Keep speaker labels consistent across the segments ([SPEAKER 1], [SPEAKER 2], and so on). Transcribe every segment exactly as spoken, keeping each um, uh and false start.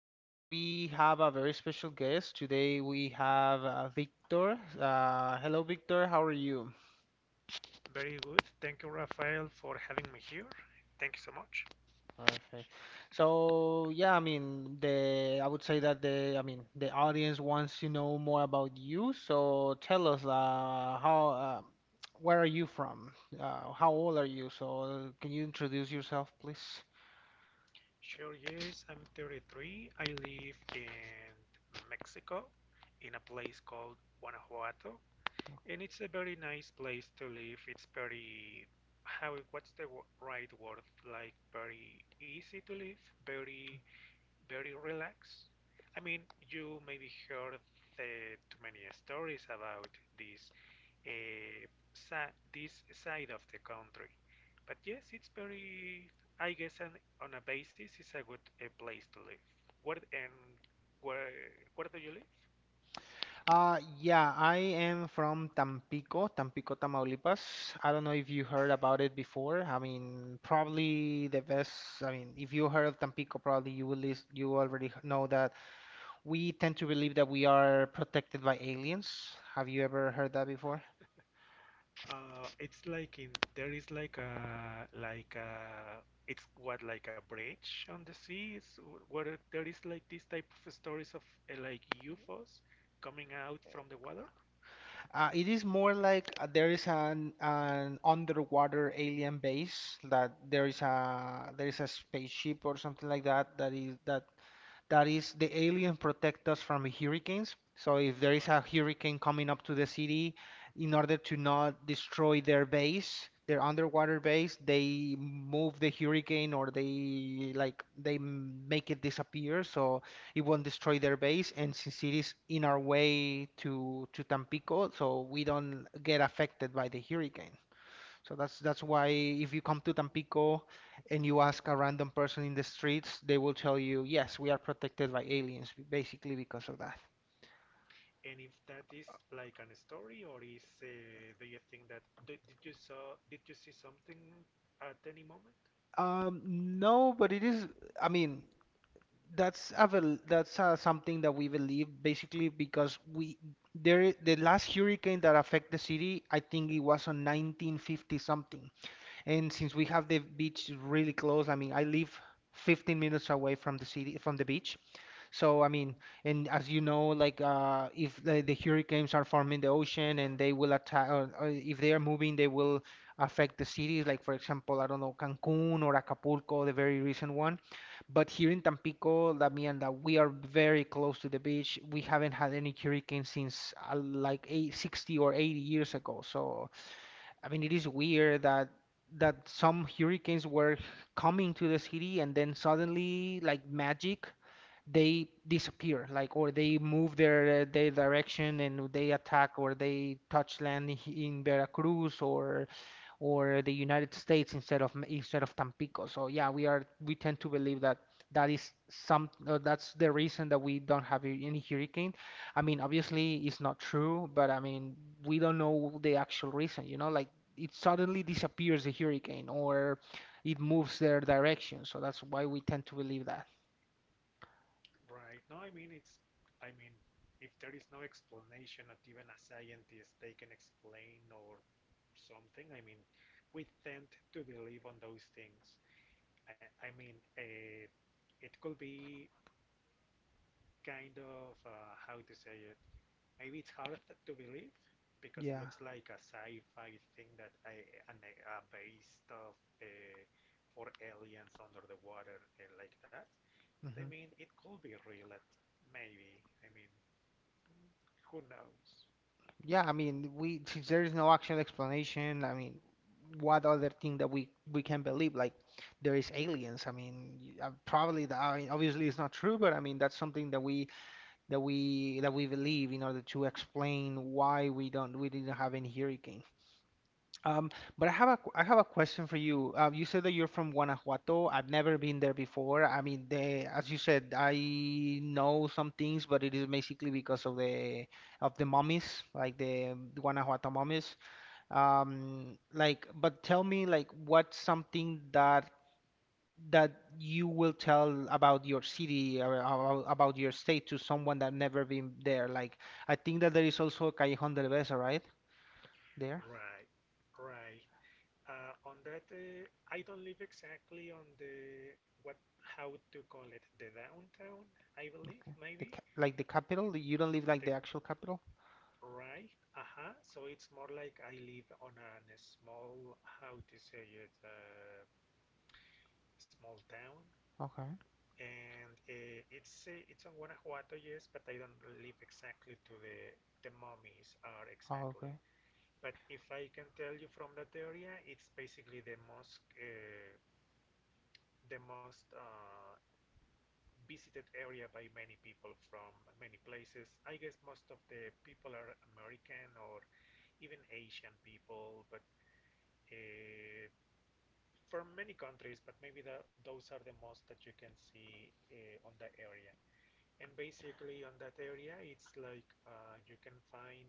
[SPEAKER 1] Today we have a very special guest. Today we have uh, Victor. Uh, hello, Victor. How are you?
[SPEAKER 2] Very good. Thank you, Rafael, for having me here. Thank you so much.
[SPEAKER 1] Perfect. So yeah, I mean the I would say that the I mean the audience wants to know more about you. So tell us uh, how uh, where are you from? Uh, how old are you? So can you introduce yourself, please?
[SPEAKER 2] Sure, yes, I'm thirty-three. I live in Mexico, in a place called Guanajuato, and it's a very nice place to live. It's very, how, what's the wo- right word? Like, very easy to live, very, very relaxed. I mean, you maybe heard the, too many stories about this uh, sa- this side of the country. But yes, it's very, I guess, an, on a basis, it's a good uh, place to live. Where and where Where do you live?
[SPEAKER 1] Uh, yeah, I am from Tampico, Tampico, Tamaulipas. I don't know if you heard about it before. I mean, probably the best. I mean, if you heard of Tampico, probably you will list, you already h- know that we tend to believe that we are protected by aliens. Have you ever heard that before?
[SPEAKER 2] Uh, it's like in there is like a like a it's what, like a bridge on the sea. Is where there is like this type of stories of uh, like U F Os coming out from the water.
[SPEAKER 1] Uh, it is more like uh, there is an an underwater alien base, that there is a there is a spaceship or something like that, that is that that is the alien protect us from hurricanes. So if there is a
[SPEAKER 2] Right.
[SPEAKER 1] hurricane coming up to the city, in order to not destroy their base, their underwater base, they move the hurricane, or they like they m- make it disappear. So it won't destroy their base. And since it is in our way to to Tampico, so we don't get affected by the hurricane. So that's that's why if you come to Tampico and you ask a random person in the streets, they will tell you, yes, we are protected by aliens, basically because of that.
[SPEAKER 2] And if that is like a story, or is uh, do you think that did, did you saw did you see something at any moment?
[SPEAKER 1] Um, no, but it is. I mean, that's a bel that's uh, something that we believe basically because we there the last hurricane that affected the city, I think it was on nineteen fifty something. And since we have the beach really close, I mean, I live fifteen minutes away from the city, from the beach. So, I mean, and as you know, like uh, if the, the hurricanes are forming the ocean and they will attack, or, or if they are moving, they will affect the cities. Like for example, I don't know, Cancun or Acapulco, the very recent one. But here in Tampico, that mean that we are very close to the beach. We haven't had any hurricane since uh, like eight, sixty or eighty years ago. So I mean, it is weird that that some hurricanes were coming to the city and then suddenly, like magic, they disappear, like, or they move their uh, their direction and they attack or they touch land he- in Veracruz or or the United States instead of M- instead of Tampico. So yeah, we are we tend to believe that that is some uh, that's the reason that we don't have a- any hurricane. I mean, obviously it's not true, but I mean, we don't know the actual reason, you know, like it suddenly disappears a hurricane or it moves their direction. So that's why we tend to believe that.
[SPEAKER 2] Right. No, I mean it's I mean, if there is no explanation, not even a scientist they can explain or something. I mean, we tend to believe on those things. I, I mean, uh, it could be kind of uh, how to say it. Maybe it's hard to believe because
[SPEAKER 1] Yeah.
[SPEAKER 2] looks like a sci-fi thing that I, and uh, based of uh, for aliens under the water uh, like that. But I mean, it could be real, at maybe. I mean, who knows?
[SPEAKER 1] Yeah, I mean, we there is no actual explanation. I mean, what other thing that we we can believe? Like, there is aliens. I mean, y- uh, probably that. I mean, obviously it's not true, but I mean that's something that we that we that we believe in order to explain why we don't we didn't have any hurricane. Um, but I have a qu- I have a question for you. Uh, you said that you're from Guanajuato. I've never been there before. I mean, the as you said, I know some things, but it is basically because of the of the mummies, like the Guanajuato mummies. Um, like, but tell me, like, what's something that that you will tell about your city or about, about your state to someone that never been there? Like, I think that there is also a Callejón del Beso, right? There.
[SPEAKER 2] Right, right. Uh, on that, uh, I don't live exactly on the, what, how to call it, the downtown. I believe
[SPEAKER 1] Okay. The
[SPEAKER 2] maybe
[SPEAKER 1] ca like the capital, you don't live
[SPEAKER 2] the.
[SPEAKER 1] like the actual capital?
[SPEAKER 2] Right. Uh-huh. So it's more like I live on a small, how to say it, uh, small town,
[SPEAKER 1] Okay.
[SPEAKER 2] and uh, it's uh, it's on Guanajuato, yes, but I don't live exactly to the the mummies are
[SPEAKER 1] Oh,
[SPEAKER 2] exactly.
[SPEAKER 1] okay.
[SPEAKER 2] But if I can tell you from that area, it's basically the most uh, the most uh, visited area by many people from many places. I guess most of the people are American or even Asian people, but uh, for many countries, but maybe the, those are the most that you can see uh, on the area. And basically, on that area, it's like uh, you can find,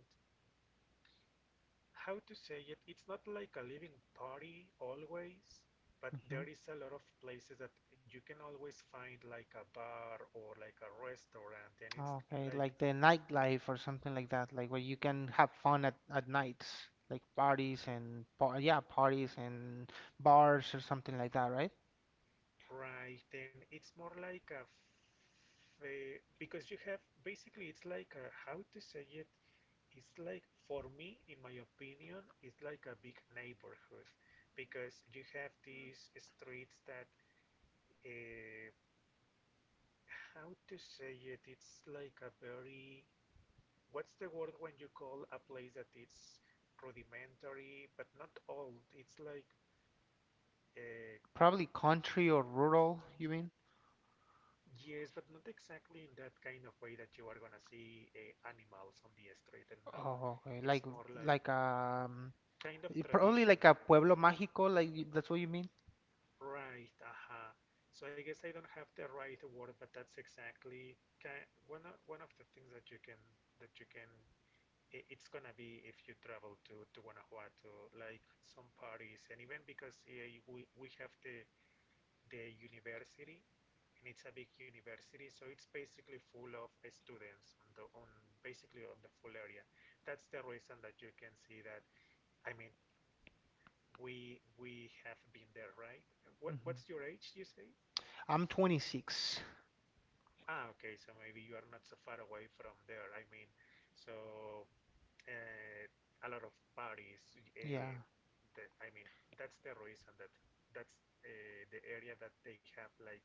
[SPEAKER 2] how to say it. It's not like a living party always, but
[SPEAKER 1] Hmm.
[SPEAKER 2] there is a lot of places that you can always find like a bar or like a restaurant, and it's
[SPEAKER 1] Oh, okay. Like
[SPEAKER 2] like,
[SPEAKER 1] the nightlife or something like that, like where you can have fun at at nights, like parties and par yeah, parties and bars or something like that, right?
[SPEAKER 2] right, and it's more like a f- a- because you have, basically it's like a, how to say it, it's like, for me, in my opinion, it's like a big neighborhood, because you have these streets that uh, how to say it, it's like a very, what's the word when you call a place that it's rudimentary but not old? It's like uh,
[SPEAKER 1] Probably country or rural, you mean?
[SPEAKER 2] yes, but not exactly in that kind of way that you are gonna see uh, animals on the street and no,
[SPEAKER 1] Oh, okay. Like
[SPEAKER 2] it's more like
[SPEAKER 1] like um
[SPEAKER 2] kind of
[SPEAKER 1] y- probably like a
[SPEAKER 2] traditional.
[SPEAKER 1] pueblo mágico, like y- that's what you mean?
[SPEAKER 2] Right, uh-huh. So I guess I don't have the right word, but that's exactly ki, one of, one of the things that you can, that you can i- it's gonna be, if you travel to to Guanajuato, like some parties, and even because uh, we we have the the university, and it's a big university, so it's basically full of uh, students on the on, basically on the full area. That's the reason that you can see that. I mean, we we have been there, right? What
[SPEAKER 1] Hmm.
[SPEAKER 2] what's your age, you say?
[SPEAKER 1] I'm twenty-six.
[SPEAKER 2] Ah, okay, so maybe you are not so far away from there. I mean, so uh, a lot of parties.
[SPEAKER 1] Yeah.
[SPEAKER 2] Uh, that, I mean, that's the reason that that's uh, the area that they have like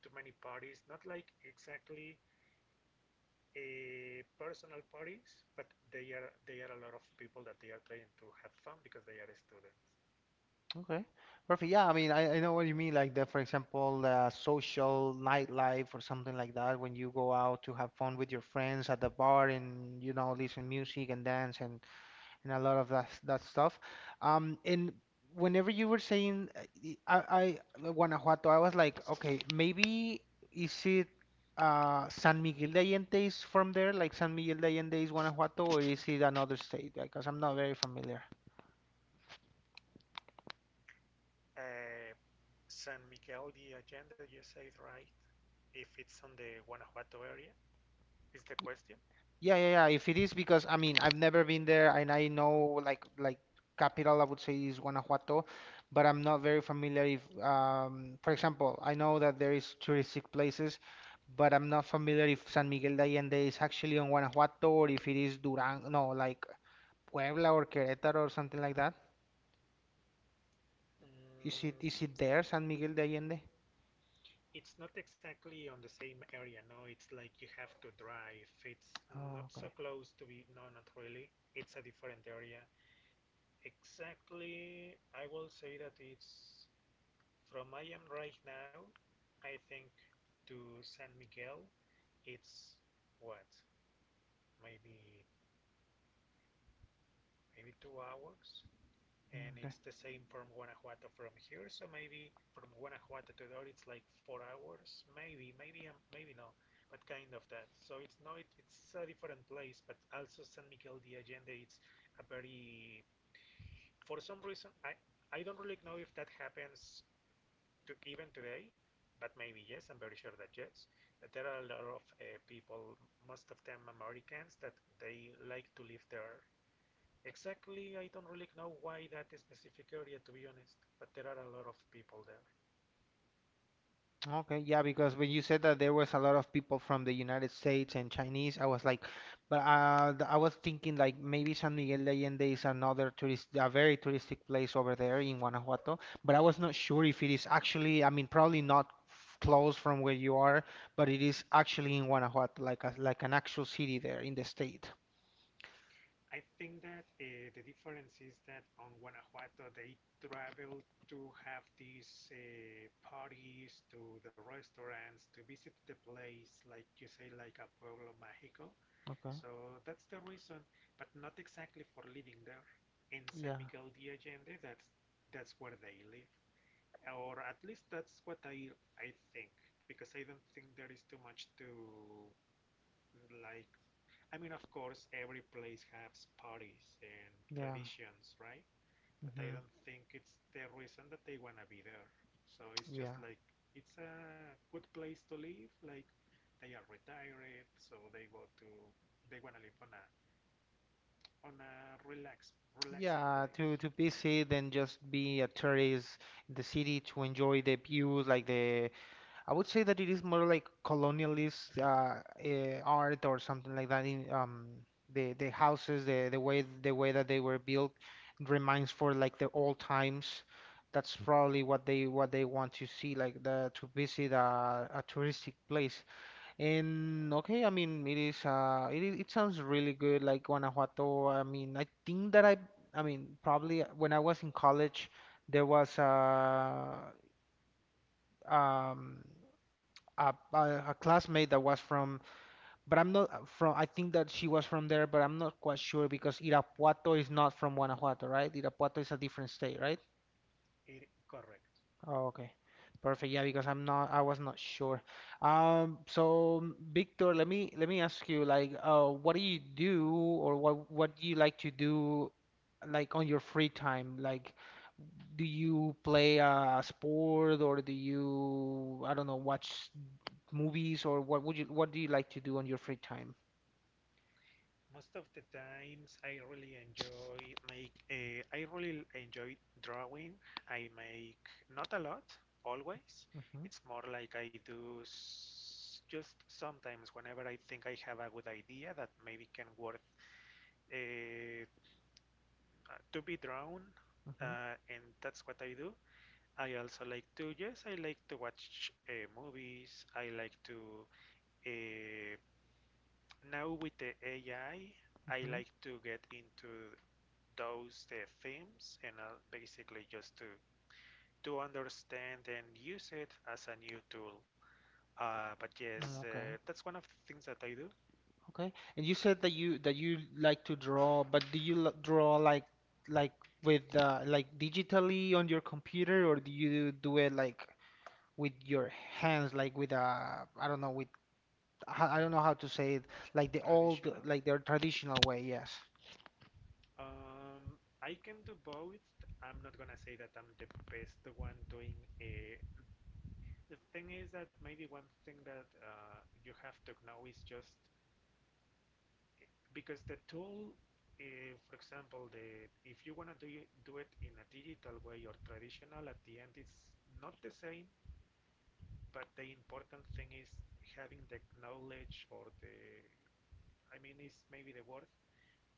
[SPEAKER 2] too many parties. Not like exactly uh, personal parties, but they are they are a lot of people that they are trying to have fun because they are students.
[SPEAKER 1] Okay, perfect. Yeah, I mean, I, I know what you mean. Like the, for example, uh, social nightlife or something like that, when you go out to have fun with your friends at the bar and you know listen music and dance and and a lot of that that stuff. Um, and whenever you were saying uh, y- I, I uh, Guanajuato, I was like, okay, maybe is it uh San Miguel de Allende is from there, like San Miguel de Allende is Guanajuato, or is it another state? Because I'm not very familiar.
[SPEAKER 2] Uh, San Miguel de Allende, you said, right? If it's on the Guanajuato area, is the question?
[SPEAKER 1] Yeah, yeah, yeah. If it is because I mean I've never been there and I know like like capital I would say is Guanajuato, but I'm not very familiar if um for example, I know that there is touristic places, but I'm not familiar if San Miguel de Allende is actually on Guanajuato or if it is Durango, no, like Puebla or Querétaro or something like that. Is it
[SPEAKER 2] Mm,
[SPEAKER 1] is it there, San Miguel de Allende?
[SPEAKER 2] it's not exactly on the same area, no. It's like you have to drive. It's
[SPEAKER 1] Oh,
[SPEAKER 2] not
[SPEAKER 1] okay.
[SPEAKER 2] so close to be. No, not really. It's a different area. Exactly, I will say that it's, from I am right now, I think, to San Miguel, it's what? Maybe maybe two hours? And
[SPEAKER 1] Okay.
[SPEAKER 2] it's the same from Guanajuato from here. So maybe from Guanajuato to Dor it's like four hours, maybe, maybe, um, maybe no, but kind of that. So it's not, it's a different place, but also San Miguel de Allende. It's a very, for some reason I I don't really know if that happens to even today, but maybe yes. I'm very sure that yes, there are a lot of uh, people, most of them Americans, that they like to live there. Exactly, I don't really know why that specific area, to be honest, but there are a lot of people there.
[SPEAKER 1] Okay, yeah, because when you said that there was a lot of people from the United States and Chinese, I was like, but uh, th- I was thinking like maybe San Miguel de Allende is another tourist, a very touristic place over there in Guanajuato, but I was not sure if it is actually, I mean, probably not f- close from where you are, but it is actually in Guanajuato, like a, like an actual city there in the state.
[SPEAKER 2] I think that uh, the difference is that on Guanajuato they travel to have these uh, parties, to the restaurants, to visit the place, like you say, like a pueblo mágico.
[SPEAKER 1] Okay.
[SPEAKER 2] So that's the reason, but not exactly for living there. In San
[SPEAKER 1] Yeah,
[SPEAKER 2] Miguel de Allende, that's that's where they live. Or at least that's what I I think, because I don't think there is too much to, like, I mean, of course every place has parties and
[SPEAKER 1] yeah,
[SPEAKER 2] traditions, right, but I
[SPEAKER 1] hmm
[SPEAKER 2] don't think it's the reason that they wanna be there, so it's just
[SPEAKER 1] yeah.
[SPEAKER 2] like, it's a good place to live, like, they are retired so they go to, they wanna live on a, on a relaxed relaxed
[SPEAKER 1] Yeah,
[SPEAKER 2] place.
[SPEAKER 1] to to visit and just be a tourist in the city to enjoy the views, like the I would say that it is more like colonialist uh, uh, art or something like that. In um, the the houses, the the way the way that they were built reminds for like the old times. That's probably what they what they want to see, like the to visit a, a touristic place. And okay, I mean, it is uh, it is, it sounds really good, like Guanajuato. I mean, I think that I, I mean, probably uh, when I was in college, there was uh, um, a, a a classmate that was from, but I'm not uh, from. I think that she was from there, but I'm not quite sure because Irapuato is not from Guanajuato, right? Irapuato is a different state, right?
[SPEAKER 2] It, correct.
[SPEAKER 1] Oh, okay. Perfect. Yeah, because I'm not, I was not sure. Um, so Victor, let me let me ask you, like, uh, what do you do or what what do you like to do, like on your free time? Like, do you play a sport or do you, I don't know, watch movies or what would you what do you like to do on your free time?
[SPEAKER 2] Most of the times I really enjoy make uh, I really enjoy drawing. I make not a lot always.
[SPEAKER 1] Mm-hmm.
[SPEAKER 2] It's more like I do s, just sometimes whenever I think I have a good idea that maybe can worth uh, to be drawn,
[SPEAKER 1] Mm-hmm.
[SPEAKER 2] uh, and that's what I do. I also like to, yes, I like to watch uh, movies. I like to, uh, now with the A I, I I
[SPEAKER 1] Mm-hmm.
[SPEAKER 2] like to get into those uh, themes and uh, basically just to to understand and use it as a new tool. Uh, but yes, uh,
[SPEAKER 1] Okay.
[SPEAKER 2] that's one of the things that I do.
[SPEAKER 1] Okay. And you said that you that you like to draw, but do you l draw like like with uh, like digitally on your computer or do you do it like with your hands like with a I don't know with I I don't
[SPEAKER 2] Mm,
[SPEAKER 1] know how to say it, like the old
[SPEAKER 2] traditional.
[SPEAKER 1] like their traditional way, yes.
[SPEAKER 2] Um, I can do both. I'm not gonna say that I'm the best one doing a. The thing is that maybe one thing that uh, you have to know is just because the tool, eh, for example, the, if you want to do, do it in a digital way or traditional, at the end it's not the same. But the important thing is having the knowledge or the, I mean, it's maybe the word,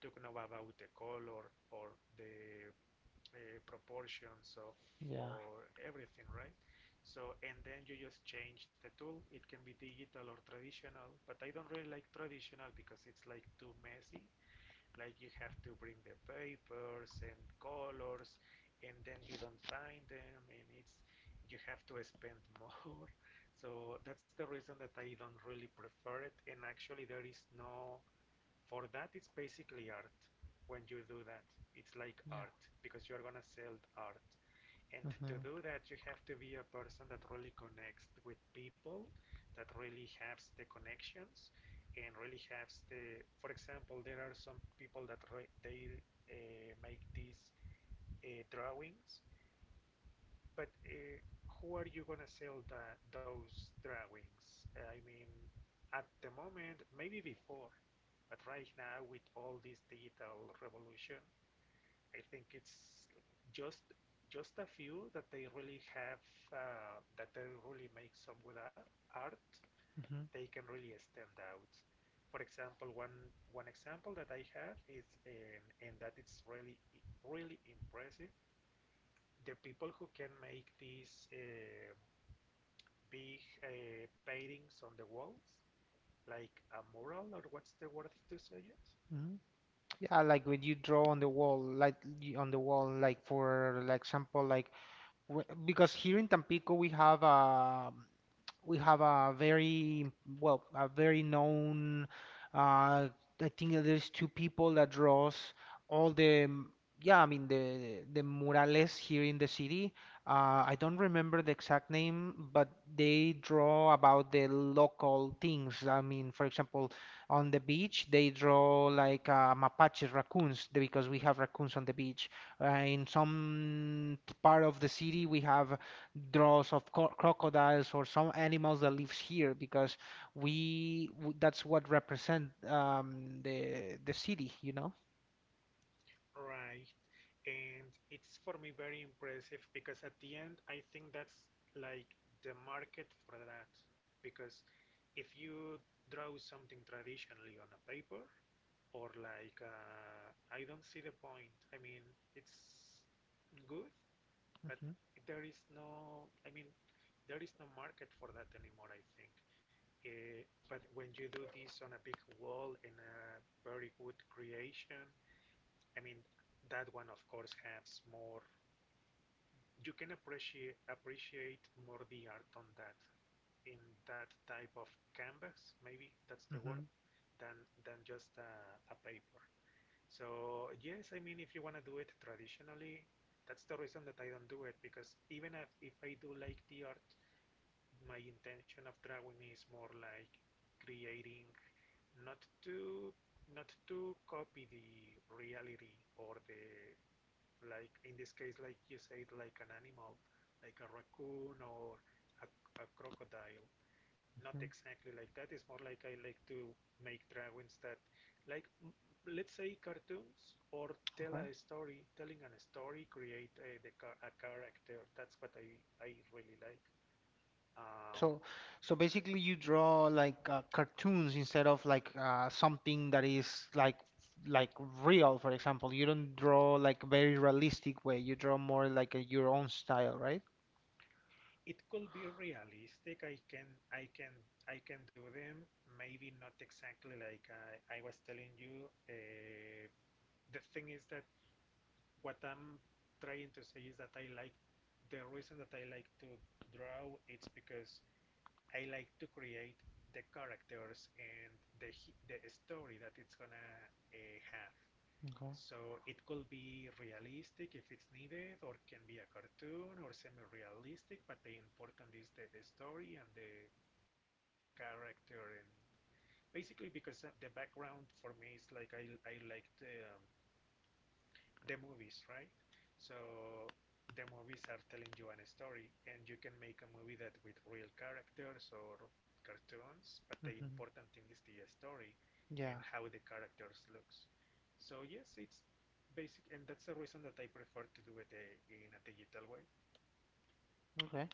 [SPEAKER 2] to know about the color or the uh, proportions of,
[SPEAKER 1] Yeah.
[SPEAKER 2] or everything, right? So and then you just change the tool. It can be digital or traditional, but I don't really like traditional because it's like too messy, like you have to bring the papers and colors, and then you don't find them, and it's, you have to spend more. So that's the reason that I don't really prefer it. And actually, there is no for that. It's basically art when you do that. It's like
[SPEAKER 1] Yeah.
[SPEAKER 2] art because you're gonna sell art. And to
[SPEAKER 1] Mhm.
[SPEAKER 2] do that, you have to be a person that really connects with people, that really has the connections, and really has the. For example, there are some people that re- they uh, make these uh, drawings, but uh, who are you gonna sell the, those drawings? I mean, at the moment, maybe before, but right now with all this digital revolution, I think it's just just a few that they really have uh, that they really make some good art.
[SPEAKER 1] Mhm.
[SPEAKER 2] They can really stand out. For example, one one example that I have is, and and that it's really really impressive. The people who can make these uh, big uh, paintings on the walls, like a mural, or what's the word to say it?
[SPEAKER 1] Mhm. Yeah, like when you draw on the wall like you, on the wall like for like example like w- because here in Tampico we have a we have a very well a very known uh, I think that there's two people that draws all the m- yeah I mean the the murales here in the city. Uh, I don't remember the exact name, but they draw about the local things. I mean, for example, on the beach they draw like uh, mapaches, raccoons, the- because we have raccoons on the beach. Uh, in some t- part of the city, we have draws of co crocodiles or some animals that lives here because we w that's what represent um, the the city, you know?
[SPEAKER 2] Right. And it's for me very impressive because at the end I think that's like the market for that, because if you draw something traditionally on a paper or like uh, I don't see the point. I mean, it's good, but
[SPEAKER 1] Hmm.
[SPEAKER 2] there is no. I mean, there is no market for that anymore, I think. Uh, but when you do this on a big wall in a very good creation, I mean, that one of course has more, you can appreciate appreciate more the art on that, in that type of canvas, maybe that's the word,
[SPEAKER 1] Hmm.
[SPEAKER 2] than than just a, a paper. So yes, I mean, if you want to do it traditionally, that's the reason that I don't do it, because even if, if I do like the art, my intention of drawing is more like creating, not to, not to copy the reality or the, like in this case, like you said, like an animal, like a raccoon or a, a crocodile. Not
[SPEAKER 1] Hmm.
[SPEAKER 2] exactly like that. It's more like I like to make drawings that, like, m- let's say cartoons or tell
[SPEAKER 1] Okay.
[SPEAKER 2] a story, telling a story, create a, the char- a character. That's what I, I really like. Um,
[SPEAKER 1] So, so basically, you draw like uh, cartoons instead of like uh, something that is like like real. For example, you don't draw like very realistic way. You draw more like a, your own style, right?
[SPEAKER 2] it could be realistic. I can, I can, I can do them. Maybe not exactly like I, I was telling you. Uh, the thing is that what I'm trying to say is that I like the reason that I like to draw it's because I like to create the characters and the the story that it's gonna uh, have.
[SPEAKER 1] Okay.
[SPEAKER 2] So it could be realistic if it's needed, or can be a cartoon or semi-realistic. But the important is the story and the character, and basically because uh, the background for me is like I I like the, um, the movies, right? So the movies are telling you an story, and you can make a movie that with real characters or cartoons, but the
[SPEAKER 1] Hmm.
[SPEAKER 2] important thing is the story and
[SPEAKER 1] Yeah.
[SPEAKER 2] how the characters looks. So yes, it's basic, and that's the reason that I prefer to do it uh, in a digital way.
[SPEAKER 1] Okay.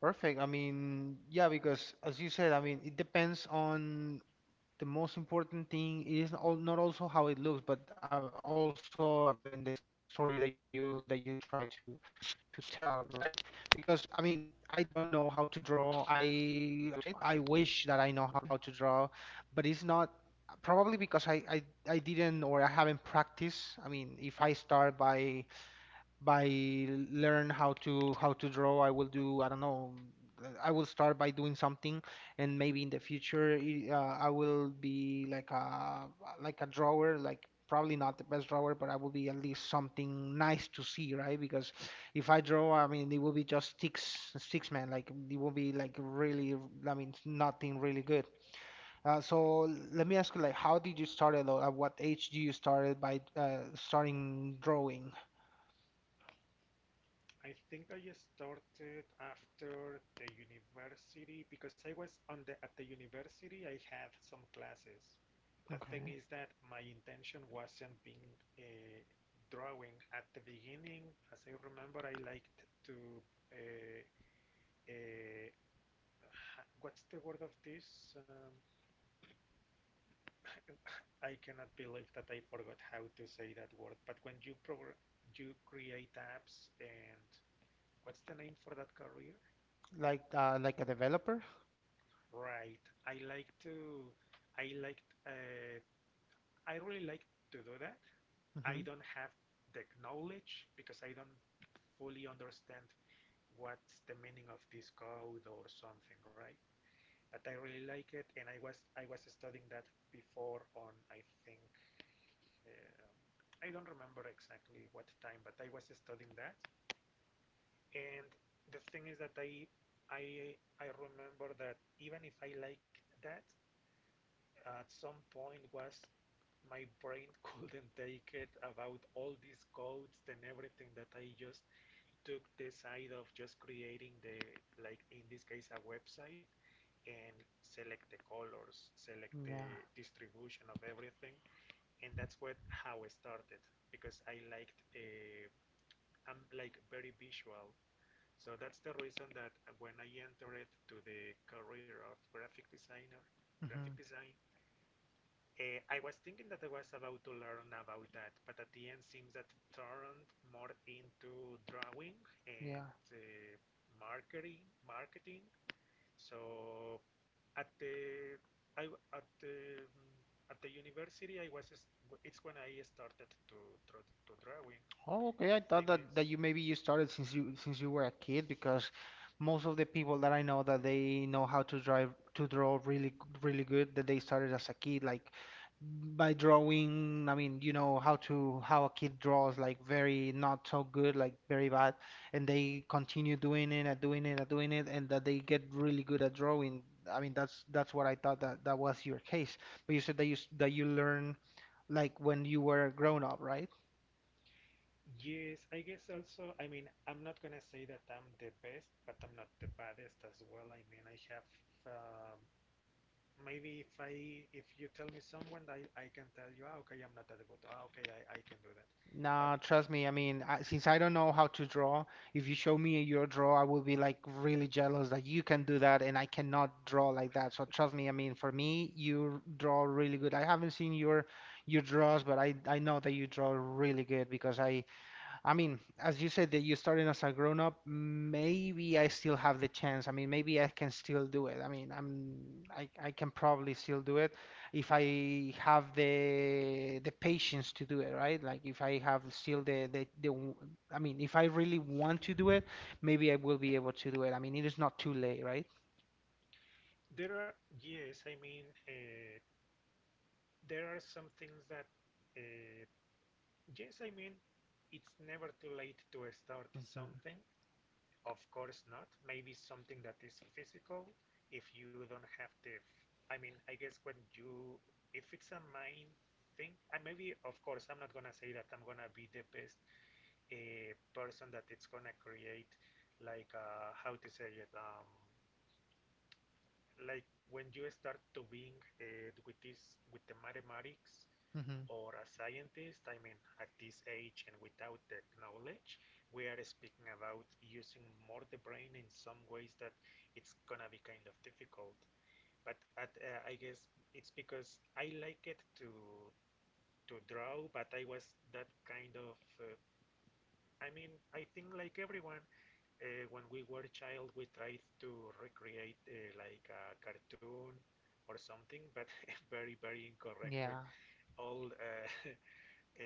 [SPEAKER 1] Perfect. I mean, yeah, because as you said, I mean, it depends on the most important thing is al- not also how it looks, but uh, also, I mean, the story that you that you try to to tell, right? Because I mean, I don't know how to draw. I I wish that I know how to draw, but it's not probably because I I, I didn't or I haven't practiced. I mean, if I start by by learn how to how to draw, i will do I don't know. uh, I will start by doing something, and maybe in the future, i- uh, I will be like a like a drawer like probably not the best drawer, but I will be at least something nice to see, right? Because if I draw, I mean, it will be just sticks sticks man, like it will be like really, I mean, nothing really good. Uh, so let me ask you, like, how did you start it, or at what age do you started by uh, starting drawing?
[SPEAKER 2] I think I started after the university because I was on the at the university. I had some classes. The thing
[SPEAKER 1] Okay.
[SPEAKER 2] is that my intention wasn't being uh, drawing at the beginning. As I remember, I liked to uh, uh, what's the word of this? Um, I cannot believe that I forgot how to say that word. But when you progr you create apps and what's the name for that career?
[SPEAKER 1] Like uh like a developer?
[SPEAKER 2] Right. I like to, I like, uh, I really like to do that.
[SPEAKER 1] Mm-hmm.
[SPEAKER 2] I don't have the knowledge because I don't fully understand what's the meaning of this code or something, right? But I really like it, and I was I was studying that before on I think um I don't remember exactly what time, but I was studying that, and the thing is that I I I remember that even if I like that, at some point was my brain couldn't take it about all these codes and everything, that I just took the side of just creating the, like in this case, a website, and select the colors, select the
[SPEAKER 1] Yeah.
[SPEAKER 2] distribution of everything, and that's what how I started because I liked a am like very visual. So that's the reason that when I entered to the career of graphic designer, graphic
[SPEAKER 1] Mm-hmm.
[SPEAKER 2] design, uh, I was thinking that I was about to learn about that, but at the end seems that turned more into drawing
[SPEAKER 1] Yeah.
[SPEAKER 2] and uh, marketing, marketing. So at the I w- at the at the university I was st- it's when I started to draw to drawing.
[SPEAKER 1] Oh, okay. I
[SPEAKER 2] The
[SPEAKER 1] thought
[SPEAKER 2] thing
[SPEAKER 1] that, that
[SPEAKER 2] is,
[SPEAKER 1] you, maybe you started since you since you were a kid, because most of the people that I know that they know how to drive to draw really, really good, that they started as a kid, like by drawing. I mean, you know how to how a kid draws, like very not so good, like very bad, and they continue doing it and doing it and doing it, and that they get really good at drawing. I mean, that's that's what I thought, that that was your case. But you said that you s- that you learn, like, when you were grown up, right?
[SPEAKER 2] yes, I guess also. I mean, I'm not gonna say that I'm the best, but I'm not the baddest as well. I mean, I have. Um, Maybe if I if you tell me someone, I, I can tell you, ah, okay, I'm not that good. Ah, okay, I, I can do that.
[SPEAKER 1] Nah,
[SPEAKER 2] But
[SPEAKER 1] trust me. I mean, I, since I don't know how to draw, if you show me your draw, I will be like really jealous that you can do that and I cannot draw like that. So trust me. I mean, for me, you draw really good. I haven't seen your your draws, but I I know that you draw really good, because I I mean, as you said that you started as a grown up, maybe I still have the chance. I mean, maybe I can still do it. I mean, I'm I, I can probably still do it if I have the the patience to do it, right? Like, if I have still the the, the w- I mean, if I really want to do it, maybe I will be able to do it. I mean, it is not too late, right?
[SPEAKER 2] there are, yes, I mean, uh, there are some things that, uh, yes, I mean, it's never too late to start
[SPEAKER 1] Hmm.
[SPEAKER 2] something. Of course not. Maybe something that is physical. If you don't have the, I mean, I guess when you, if it's a mind thing, and maybe, of course, I'm not gonna say that I'm gonna be the best, a person that it's gonna create, like uh, how to say it, um, like when you start to being uh, with this with the mathematics
[SPEAKER 1] Hmm.
[SPEAKER 2] or a scientist. I mean, at this age and without the knowledge, we are speaking about using more the brain in some ways that it's gonna be kind of difficult. But at, uh, I guess it's because I like it to to draw, but I was that kind of, uh, I mean, I think like everyone. Uh, when we were a child, we tried to recreate uh, like a cartoon or something, but very, very incorrect
[SPEAKER 1] Yeah.
[SPEAKER 2] with all uh,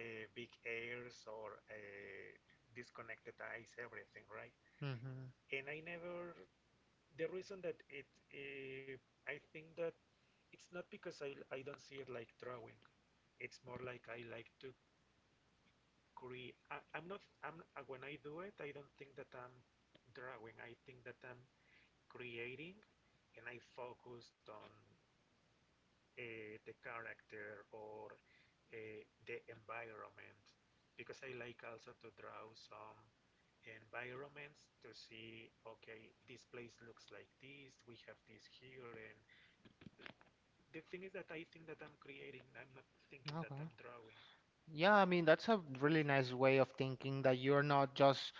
[SPEAKER 2] uh, big airs or uh, disconnected eyes, everything, right?
[SPEAKER 1] Hmm.
[SPEAKER 2] And I never, the reason that it, uh, I think that it's not because I, I don't see it like drawing. It's more like I like to create. I, I'm not, I'm, uh, when I do it, I don't think that I'm drawing. I think that I'm creating, and I focused on uh, the character or uh, the environment, because I like also to draw some environments, to see, okay, this place looks like this, we have this here. And the thing is that I think that I'm creating, I'm not thinking that
[SPEAKER 1] Okay.
[SPEAKER 2] I'm drawing.
[SPEAKER 1] Yeah, I mean, that's a really nice way of thinking, that you're not just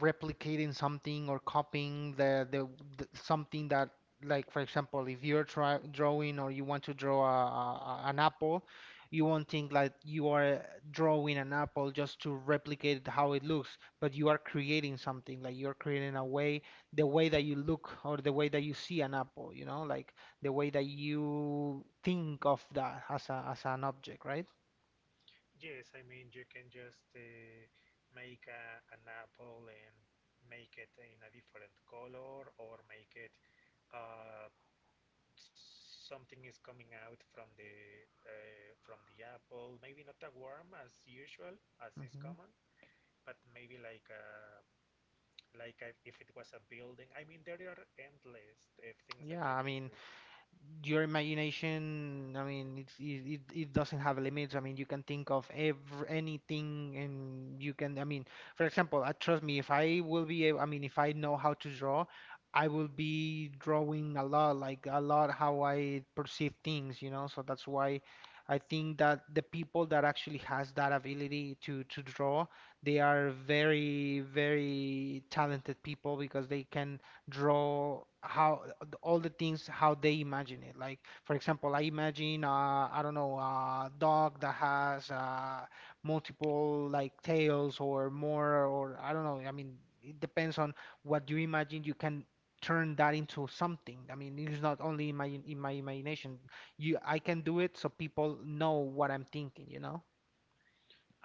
[SPEAKER 1] replicating something or copying the, the, the something that, like, for example, if you're try, drawing, or you want to draw a, a, a- an apple, you won't think like you are drawing an apple just to replicate how it looks, but you are creating something, like you're creating a way, the way that you look, or the way that you see an apple, you know, like the way that you think of that as a, as an object, right?
[SPEAKER 2] Yes, I mean, you can just uh, make a, an apple and make it in a different color, or make it, uh, something is coming out from the uh, from the apple. Maybe not a worm as usual, as is
[SPEAKER 1] Mm-hmm.
[SPEAKER 2] common, but maybe like a, like a, if it was a building. I mean, there are endless uh, things that
[SPEAKER 1] Yeah, I
[SPEAKER 2] you can
[SPEAKER 1] mean,
[SPEAKER 2] do.
[SPEAKER 1] your imagination, I mean, it's, it, it it doesn't have limits. I mean, you can think of every, anything, and you can, I mean, for example, uh, trust me, if I will be able, I mean, if I know how to draw, I will be drawing a lot, like a lot how I perceive things, you know? So that's why I think that the people that actually has that ability to to draw, they are very, very talented people, because they can draw how all the things, how they imagine it. Like, for example, I imagine, uh, I don't know, a dog that has uh, multiple like tails or more, or I don't know. I mean, it depends on what you imagine. You can turn that into something. I mean, it's not only in my in my imagination. You, I can do it so people know what I'm thinking, you know?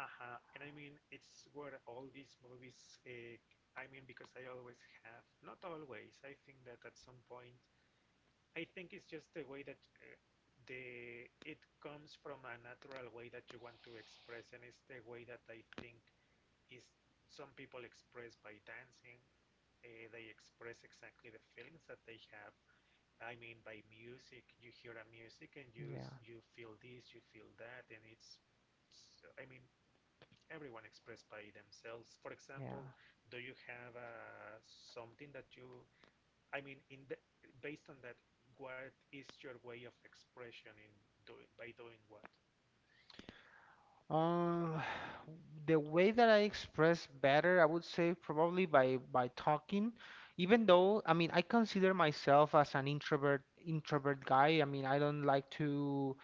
[SPEAKER 2] Uh-huh. And I mean, it's where all these movies. Uh, I mean, because I always have, not always. I think that at some point, I think it's just the way that. Uh, the it comes from a natural way that you want to express, and it's the way that I think is some people express by dancing. Uh, they express exactly the feelings that they have. I mean, by music, you hear a music and you
[SPEAKER 1] Yeah,
[SPEAKER 2] you feel this, you feel that, and it's, I mean, everyone expressed by themselves. For example,
[SPEAKER 1] yeah.
[SPEAKER 2] do you have uh, something that you, I mean, in the, based on that, what is your way of expression in, do, by doing what?
[SPEAKER 1] Uh, the way that I express better, I would say probably by by talking. Even though, I mean, I consider myself as an introvert introvert guy. I mean, I don't like to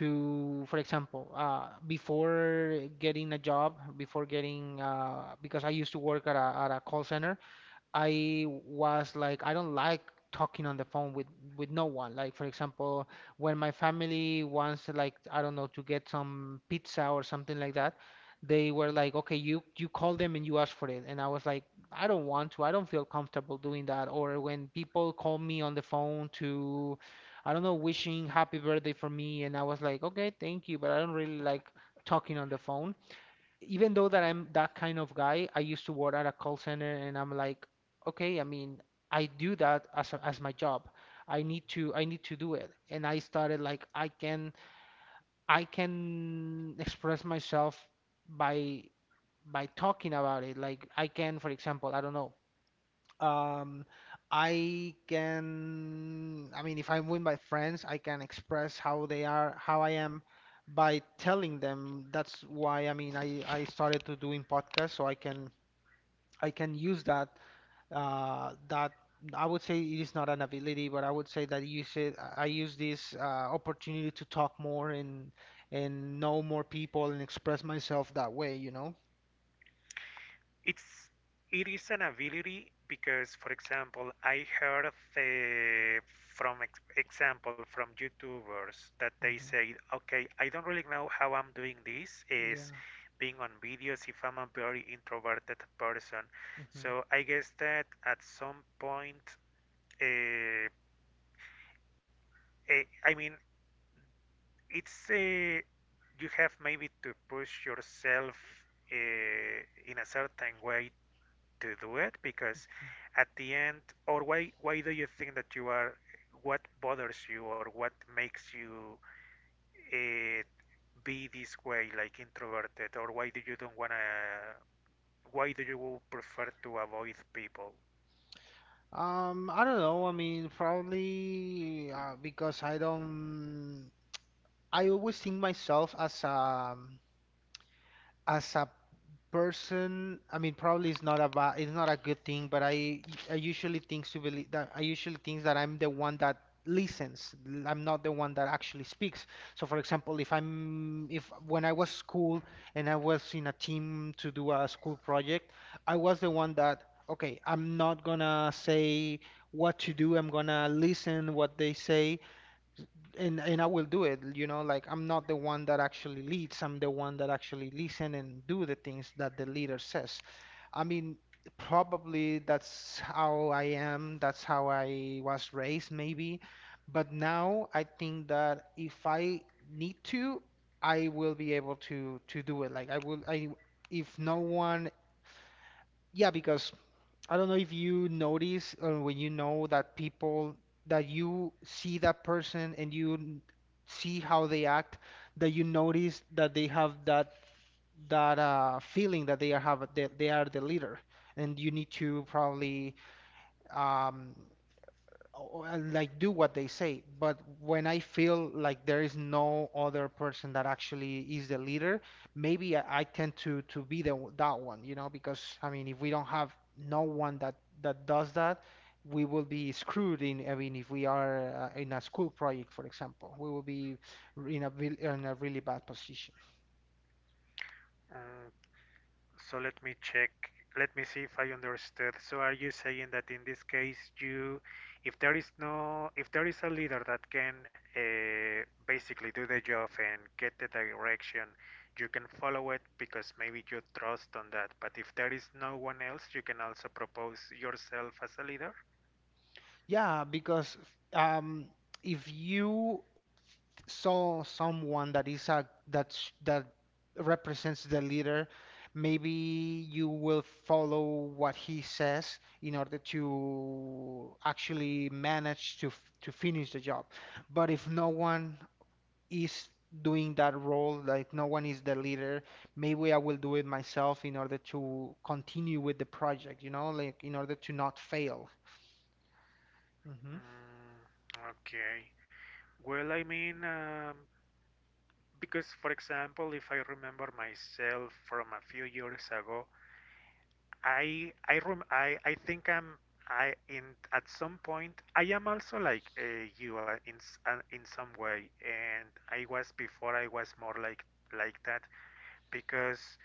[SPEAKER 1] to, for example, uh, before getting a job, before getting uh, because I used to work at a at a call center. I was like, I don't like talking on the phone with with no one. Like, for example, when my family wants to, like, I don't know, to get some pizza or something like that, they were like, okay, you you call them and you ask for it, and I was like, I don't want to. I don't feel comfortable doing that. Or when people call me on the phone to, I don't know, wishing happy birthday for me, and I was like, okay, thank you, but I don't really like talking on the phone. Even though that
[SPEAKER 2] Okay.
[SPEAKER 1] I'm that kind of guy, I used to work at a call center, and I'm like, okay, I mean, I do that as a, as my job. I need to I need to do it. And I started like I can I can express myself by by talking about it. Like, I can, for example, I don't know, um, I can, I mean, if I'm with my friends, I can express how they are, how I am, by telling them. That's why, I mean, I, I started to doing podcasts so I can I can use that, uh, that I would say it is not an ability, but I would say that use it, I I use this uh, opportunity to talk more and and know more people and express myself that way, you know?
[SPEAKER 2] it's it is an ability because, for example, I heard the from ex- example from YouTubers that they
[SPEAKER 1] Hmm.
[SPEAKER 2] say, okay, I don't really know how I'm doing this, is
[SPEAKER 1] Yeah.
[SPEAKER 2] being on videos if I'm a very introverted person.
[SPEAKER 1] Hmm.
[SPEAKER 2] So I guess that at some point, uh, eh, I mean, it's a you have maybe to push yourself uh, in a certain way to do it, because at the end, or why, why do you think that you are, what bothers you, or what makes you uh, be this way, like introverted? Or why do you don't want to, why do you prefer to avoid people?
[SPEAKER 1] Um, I don't know. I mean, probably uh, because I don't. I always think myself as a as a person, I mean, probably it's not a ba- it's not a good thing, but I I usually think to believe that I usually think that I'm the one that listens. l- I'm not the one that actually speaks. So, for example, if I'm if when I was school, and I was in a team to do a school project, I was the one that, okay, I'm not gonna say what to do. I'm gonna listen what they say and and I will do it, you know, like, I'm not the one that actually leads, I'm the one that actually listen and do the things that the leader says. I mean, probably that's how I am, that's how I was raised maybe, but now I think that if I need to, I will be able to to do it. Like, I will I if no one, yeah, because I don't know if you notice uh, when you know that people, that you see that person and you n- see how they act, that you notice that they have that that uh, feeling that they are have that they are the leader, and you need to probably um, o- uh, like, do what they say. But when I feel like there is no other person that actually is the leader, maybe i, I tend to to be the w- that one, you know, because I mean, if we don't have no one that that does that, we will be screwed in I mean, if we are uh, in a school project, for example, we will be r- in a vil- in a really bad position.
[SPEAKER 2] Mm, So let me check. Let me see if I understood. So are you saying that in this case, you, if there is no, if there is a leader that can uh, basically do the job and get the direction, you can follow it because maybe you trust on that. But if there is no one else, you can also propose yourself as a leader.
[SPEAKER 1] Yeah, because um if you saw someone that is a that sh- that represents the leader, maybe you will follow what he says in order to actually manage to f- to finish the job. But if no one is doing that role, like no one is the leader, maybe I will do it myself in order to continue with the project, you know, like, in order to not fail. Mm-hmm.
[SPEAKER 2] Mm, okay. Well, I mean, um, because, for example, if I remember myself from a few years ago. I I rem I I think I'm I in at some point I am also like, uh, you, uh, in s- uh, in some way, and I was before, I was more like like that, because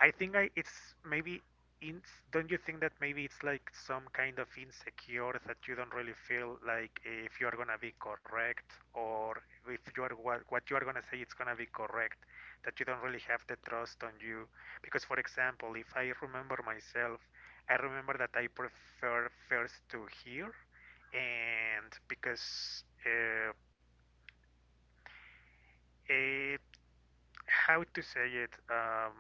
[SPEAKER 2] I think I it's maybe in, don't you think that maybe it's like some kind of insecure, that you don't really feel like if you are gonna be correct, or if you are, what, what you are gonna say it's gonna be correct, that you don't really have the trust on you? Because, for example, if I remember myself, I remember that I prefer first to hear, and because uh, it, how to say it, um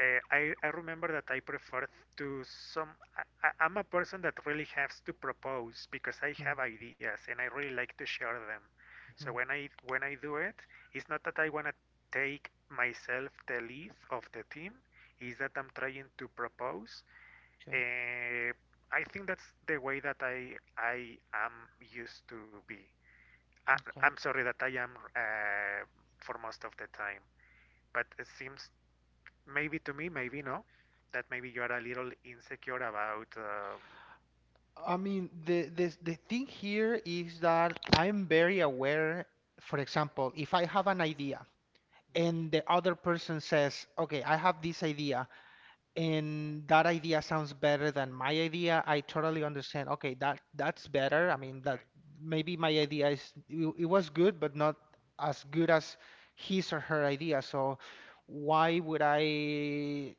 [SPEAKER 2] uh, I, I remember that I prefer to some. I, I- am a person that really has to propose, because I have ideas and I really like to share them. So when I when I do it, it's not that I wanna take myself the lead of the team. It's that I'm trying to propose.
[SPEAKER 1] Okay.
[SPEAKER 2] Uh, I think that's the way that I I am used to be. I,
[SPEAKER 1] Okay.
[SPEAKER 2] I'm sorry that I am, uh, for most of the time, but it seems, maybe to me, maybe no, that maybe you are a little insecure about. Um,
[SPEAKER 1] I mean, the, the the thing here is that I'm very aware. For example, if I have an idea and
[SPEAKER 2] Mm-hmm.
[SPEAKER 1] the other person says, "Okay, I have this idea," and that idea sounds better than my idea, I totally understand. Okay, that that's better. I
[SPEAKER 2] Mm,
[SPEAKER 1] mean, that
[SPEAKER 2] okay. Mhm.
[SPEAKER 1] maybe my idea is it, it was good, but not as good as his or her idea. So why would I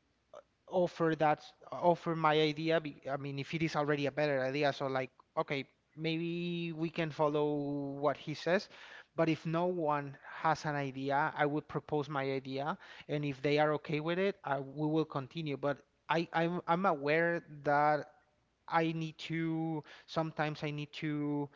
[SPEAKER 1] offer that offer my idea be- I mean, if it is already a better idea, so, like, okay, maybe we can follow what he says. But if no one has an idea, I would propose my idea, and if they are okay with it, I, we will continue. But i i'm, I'm aware that I need to sometimes I need to,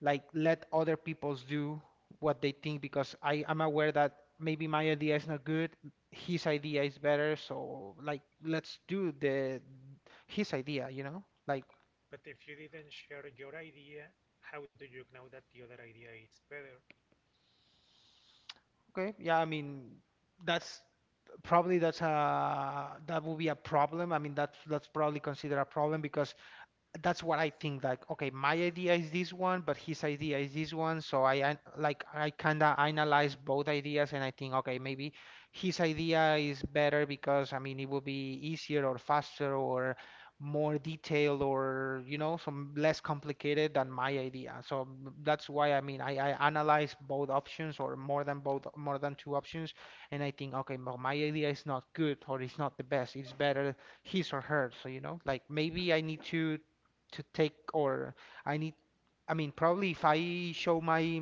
[SPEAKER 1] like, let other people do what they think, because I am aware that maybe my idea is not good, his idea is better, so like, let's do the his idea, you know? Like,
[SPEAKER 2] But if you didn't share your idea, how do you know that the other idea is better?
[SPEAKER 1] okay, yeah, I mean, that's probably that's a that would be a problem. I mean, that's that's probably considered a problem, because that's what I think. Like, okay, my idea is this one, but his idea is this one. So I an- like I kinda analyze both ideas, and I think, okay, maybe his idea is better, because, I mean, it would be easier or faster or more detailed, or, you know, some less complicated than my idea. So m- that's why I mean I, I analyze both options or more than both more than two options, and I think, okay, well, my idea is not good or it's not the best. It's better his or her. So, you know, like maybe I need to to take or I need, I mean, probably if I show my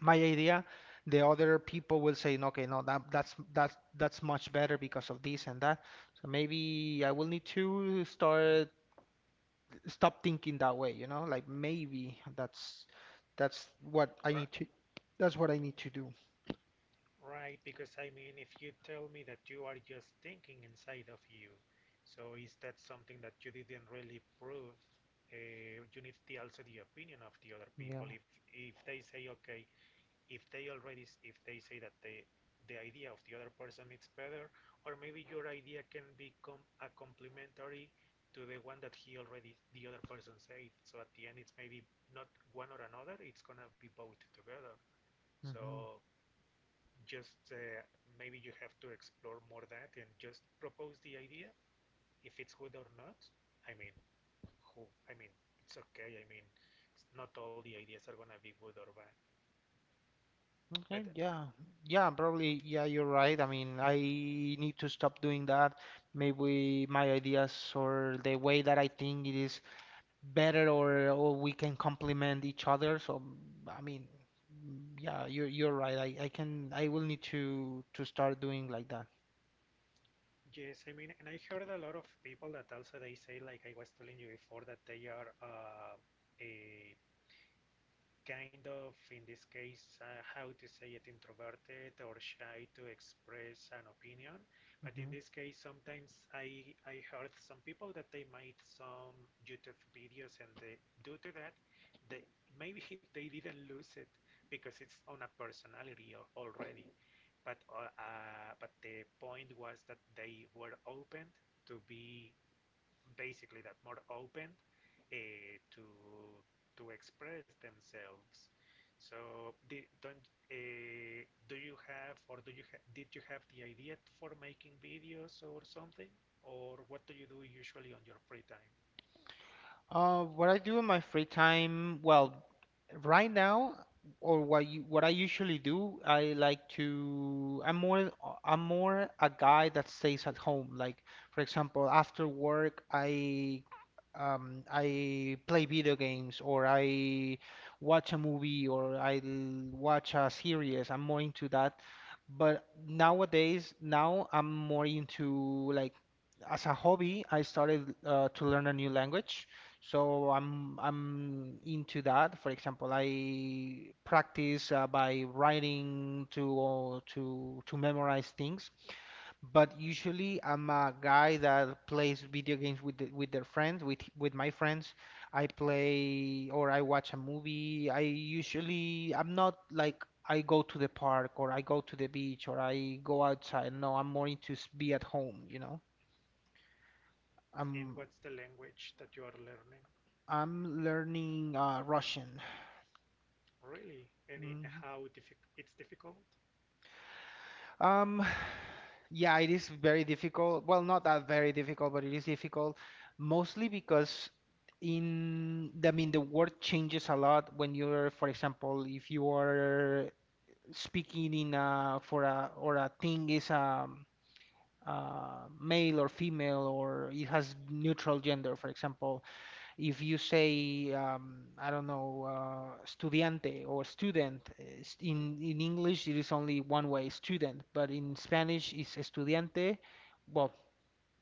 [SPEAKER 1] my idea, the other people will say, okay, no, that that's that's that's much better because of this and that. So maybe I will need to start stop thinking that way, you know like maybe that's that's what I
[SPEAKER 2] Ri-
[SPEAKER 1] need to that's what I need to do.
[SPEAKER 2] Right, because I mean, if you tell me that you are just thinking inside of you, so is that something that you didn't really prove? Uh, you need the, also the opinion of the other people.
[SPEAKER 1] Yeah.
[SPEAKER 2] If if they say, okay, if they already if they say that they the idea of the other person is better, or maybe your idea can become a complementary to the one that he already the other person said. So at the end, it's maybe not one or another, it's gonna be both together.
[SPEAKER 1] Hmm.
[SPEAKER 2] So just uh, maybe you have to explore more that and just propose the idea if it's good or not. I mean who i mean it's okay. I mean, not all the ideas are gonna be good or bad, but…
[SPEAKER 1] Okay, yeah. Yeah, probably, yeah, you're right. I mean, I need to stop doing that. Maybe my ideas or the way that I think it is better, or, or we can complement each other. So I mean, yeah, you're you're right. I, I can, I will need to to start doing like that.
[SPEAKER 2] Yes, I mean, and I heard a lot of people that also they say, like I was telling you before, that they are uh, a kind of, in this case, uh, how to say it, introverted or shy to express an opinion. But in
[SPEAKER 1] Hmm.
[SPEAKER 2] this case, sometimes I, I heard some people that they made some YouTube videos and they, due to that, they maybe they didn't lose it because it's on a personality al- already. But uh, uh, but the point was that they were open to be, basically, that more open uh, to to express themselves. So di- don't uh, do you have or do you ha- did you have the idea for making videos or something? Or what do you do usually on your free time?
[SPEAKER 1] Uh, what I do in my free time, well, right now, or what you, what I usually do, I like to. I'm more. I'm more a guy that stays at home. Like, for example, after work, I um, I play video games or I watch a movie or I l- watch a series. I'm more into that. But nowadays, now I'm more into, like, as a hobby, I started uh, to learn a new language. So I'm I'm into that. For example, I practice uh, by writing to to to memorize things. But usually, I'm a guy that plays video games with the, with their friends, with with my friends. I play or I watch a movie. I usually I'm not like I go to the park or I go to the beach or I go outside. No, I'm more into s- be at home, you know.
[SPEAKER 2] And
[SPEAKER 1] I'm
[SPEAKER 2] what's the language that you are learning?
[SPEAKER 1] I'm learning uh, Russian.
[SPEAKER 2] Really, any
[SPEAKER 1] Mm,
[SPEAKER 2] how diffi- it's difficult?
[SPEAKER 1] Um, yeah, it is very difficult. Well, not that very difficult, but it is difficult mostly because in, I mean, the word changes a lot when you're, for example, if you are speaking in a, for a, or a thing is um uh, male or female or it has neutral gender, for example. If you say, um, I don't know, uh, estudiante or student, uh, s-
[SPEAKER 2] Mhm,
[SPEAKER 1] in, in English it is only one way, student, but in Spanish it's estudiante. Well,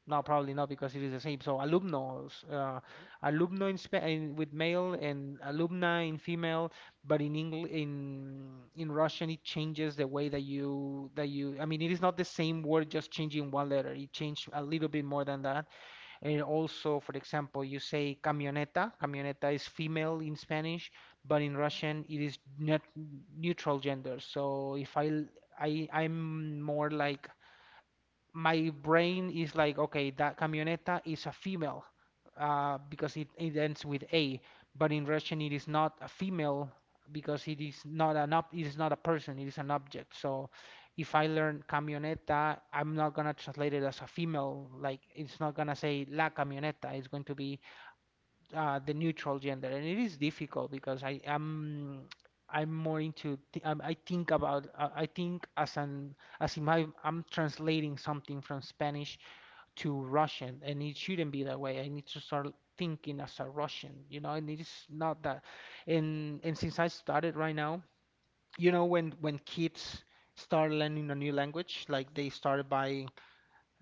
[SPEAKER 1] no, probably not because it is the same. So alumnos, uh,
[SPEAKER 2] mhm.
[SPEAKER 1] alumno in, Spa in with male, and alumna in female, but in Engl in in Russian it changes the way that you that you, I mean, it is not the same word, just changing one letter. It changed a little bit more than that. And also, for example, you say camioneta. Camioneta is female in Spanish, but in Russian it is net neutral gender. So if I, I, I am more like my brain is like, okay, that camioneta is a female uh, because it, it ends with a, but in Russian it is not a female because it is not an ob it is not a person, it is an object. So if I learn camioneta, I'm not gonna translate it as a female. Like, it's not gonna say la camioneta. It's going to be uh, the neutral gender, and it is difficult because I am I'm more into th um, I think about uh, I think as an as if I, I'm translating something from Spanish to Russian, and it shouldn't be that way. I need to start thinking as a Russian, you know, and it is not that. And and since I started right now, you know, when when kids start learning a new language, like, they started by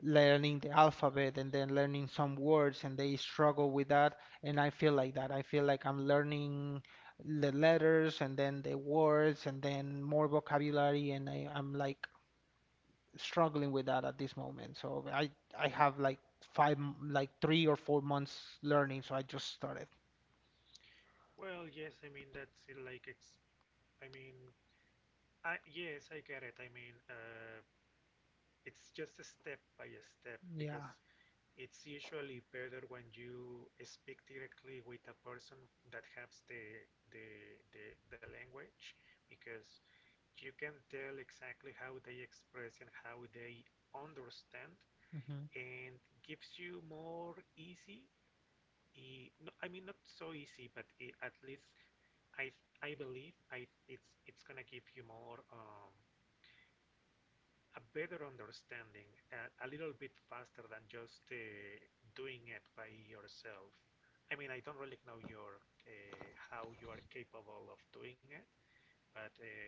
[SPEAKER 1] learning the alphabet and then learning some words and they struggle with that, and I feel like that. I feel like I'm learning the letters and then the words and then more vocabulary, and I, I'm like struggling with that at this moment. So I I have like five m- like three or four months learning, so I just started.
[SPEAKER 2] Well, yes, I mean that's uh, like it's. I mean, I yes, I get it. I mean, uh, it's just a step by a step, because
[SPEAKER 1] Yeah.
[SPEAKER 2] it's usually better when you speak directly with a person that has the the the, the language, because you can tell exactly how they express and how they understand,
[SPEAKER 1] Hmm.
[SPEAKER 2] and gives you more easy, e- no, I mean not so easy, but e, at least I I believe I it's it's gonna give you more um, a better understanding and a little bit faster than just uh, doing it by yourself. I mean, I don't really know your uh, how you are capable of doing it, but uh,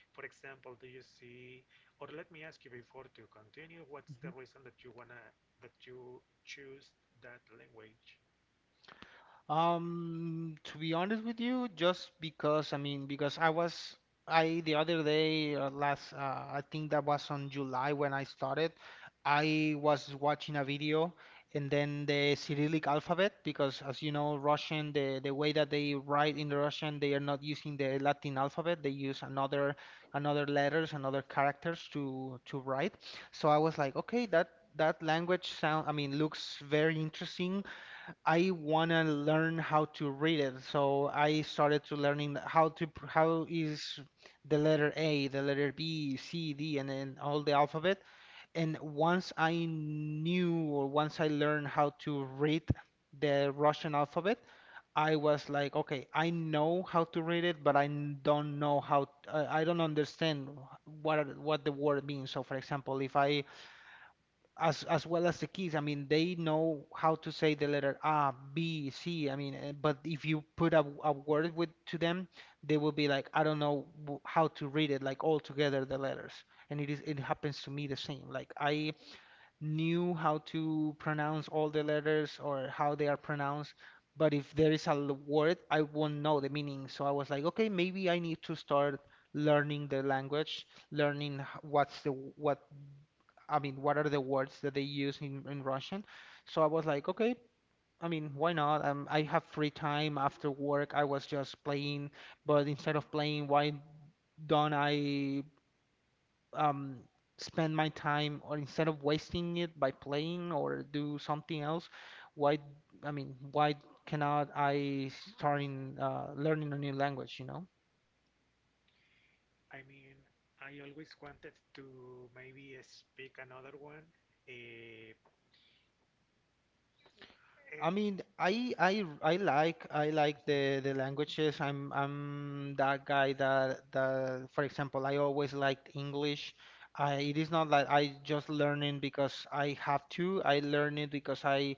[SPEAKER 2] for example, do you see, or let me ask you before to continue, what's the reason that you wanna that you choose that language?
[SPEAKER 1] Um, to be honest with you, just because, I mean, because I was I the other day uh, last uh, I think that was on July when I started. I was watching a video and then the Cyrillic alphabet, because as you know, Russian, the the way that they write in the Russian, they are not using the Latin alphabet. They use another another letters, another characters to to write. So I was like, okay, that that language sound I mean looks very interesting. I wanna learn how to read it, so I started to learning how to pr- how is the letter A, the letter B, C, D, and then all the alphabet. And once I knew, or once I learned how to read the Russian alphabet, I was like, okay, I know how to read it, but I n- don't know how, uh, I don't understand what are- what the word means. So, for example, if I, as as well as the kids, I mean, they know how to say the letter A, B, C. I mean, eh, but if you put a, a word with to them, they will be like, I don't know w- how to read it, like all together the letters. And it is it happens to me the same. Like, I knew how to pronounce all the letters or how they are pronounced, but if there is a l- word, I won't know the meaning. So I was like, okay, maybe I need to start learning the language, learning h- what's the what I mean, what are the words that they use in, in Russian? So I was like, okay, I mean, why not? Um, I have free time after work. I was just playing, but instead of playing, why don't I um, spend my time, or instead of wasting it by playing or do something else, why, I mean, why cannot I start in uh, learning a new language, you know?
[SPEAKER 2] I mean, I always wanted to maybe speak another one. Uh, uh,
[SPEAKER 1] I mean, I I I like I like
[SPEAKER 2] mhm.
[SPEAKER 1] the the languages. I'm I'm that guy that that, for example, I always liked English. I It is not that I just learn it because I have to. I learn it because I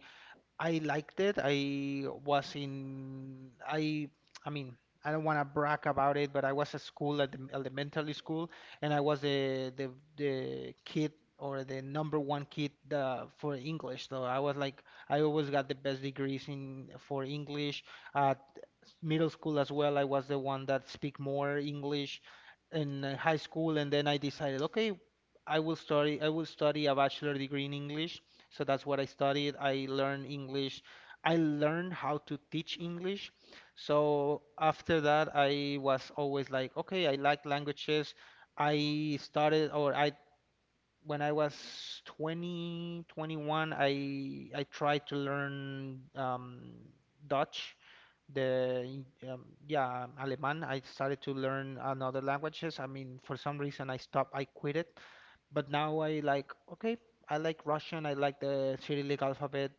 [SPEAKER 1] I liked it. I was in I I mean, I don't want to brag about it, but I was at school at the elementary school, and I was the the the kid or the number one kid uh, for English. So I was like, I always got the best degrees in for English. Uh, Middle school as well, I was the one that speak more English in uh, high school, and then I decided, okay, I will study, I will study a bachelor degree in English. So that's what I studied. I learned English. I learned how to teach English. So after that, I was always like, okay, I like languages. I started, or I When I was twenty, twenty-one, I I tried to learn um, Dutch, the um, yeah, um, Alemán. I started to learn another languages. I mean, for some reason I stopped, I quit it. But now I like, okay, I like Russian, I like the Cyrillic alphabet.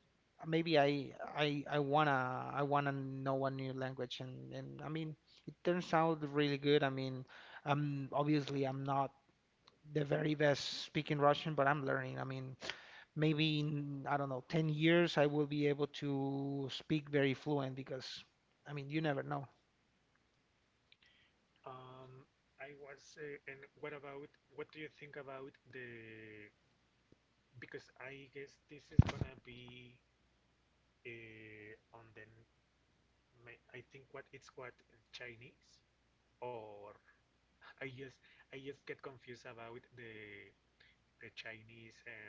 [SPEAKER 1] Maybe I I I wanna I wanna know a new language, and and I mean, it turns out really good. I mean, um, obviously I'm not the very best speaking Russian, but I'm learning. I mean, maybe in, I don't know, ten years I will be able to speak very fluent, because, I mean, you never know.
[SPEAKER 2] Um, I was, uh, and what about, what do you think about the, because I guess this is gonna be uh, on the, my, I think what it's what, Chinese, or I just I just get confused about the the Chinese, and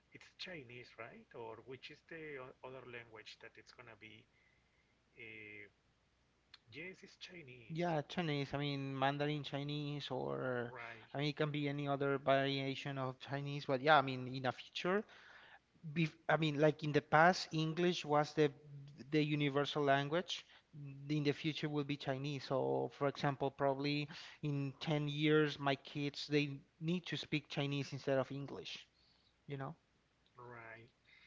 [SPEAKER 2] it's Chinese, right? Or which is the o- other language that it's gonna be? Uh, yes, it's Chinese,
[SPEAKER 1] Yeah, Chinese, I mean, Mandarin Chinese, or,
[SPEAKER 2] right?
[SPEAKER 1] I mean, it can be any other variation of Chinese, but yeah, I mean, in a future. Bef I mean, like, in the past, English was the the universal language. In the future will be Chinese. So, for example, probably in ten years, my kids they need to speak Chinese instead of English, you know?
[SPEAKER 2] Right.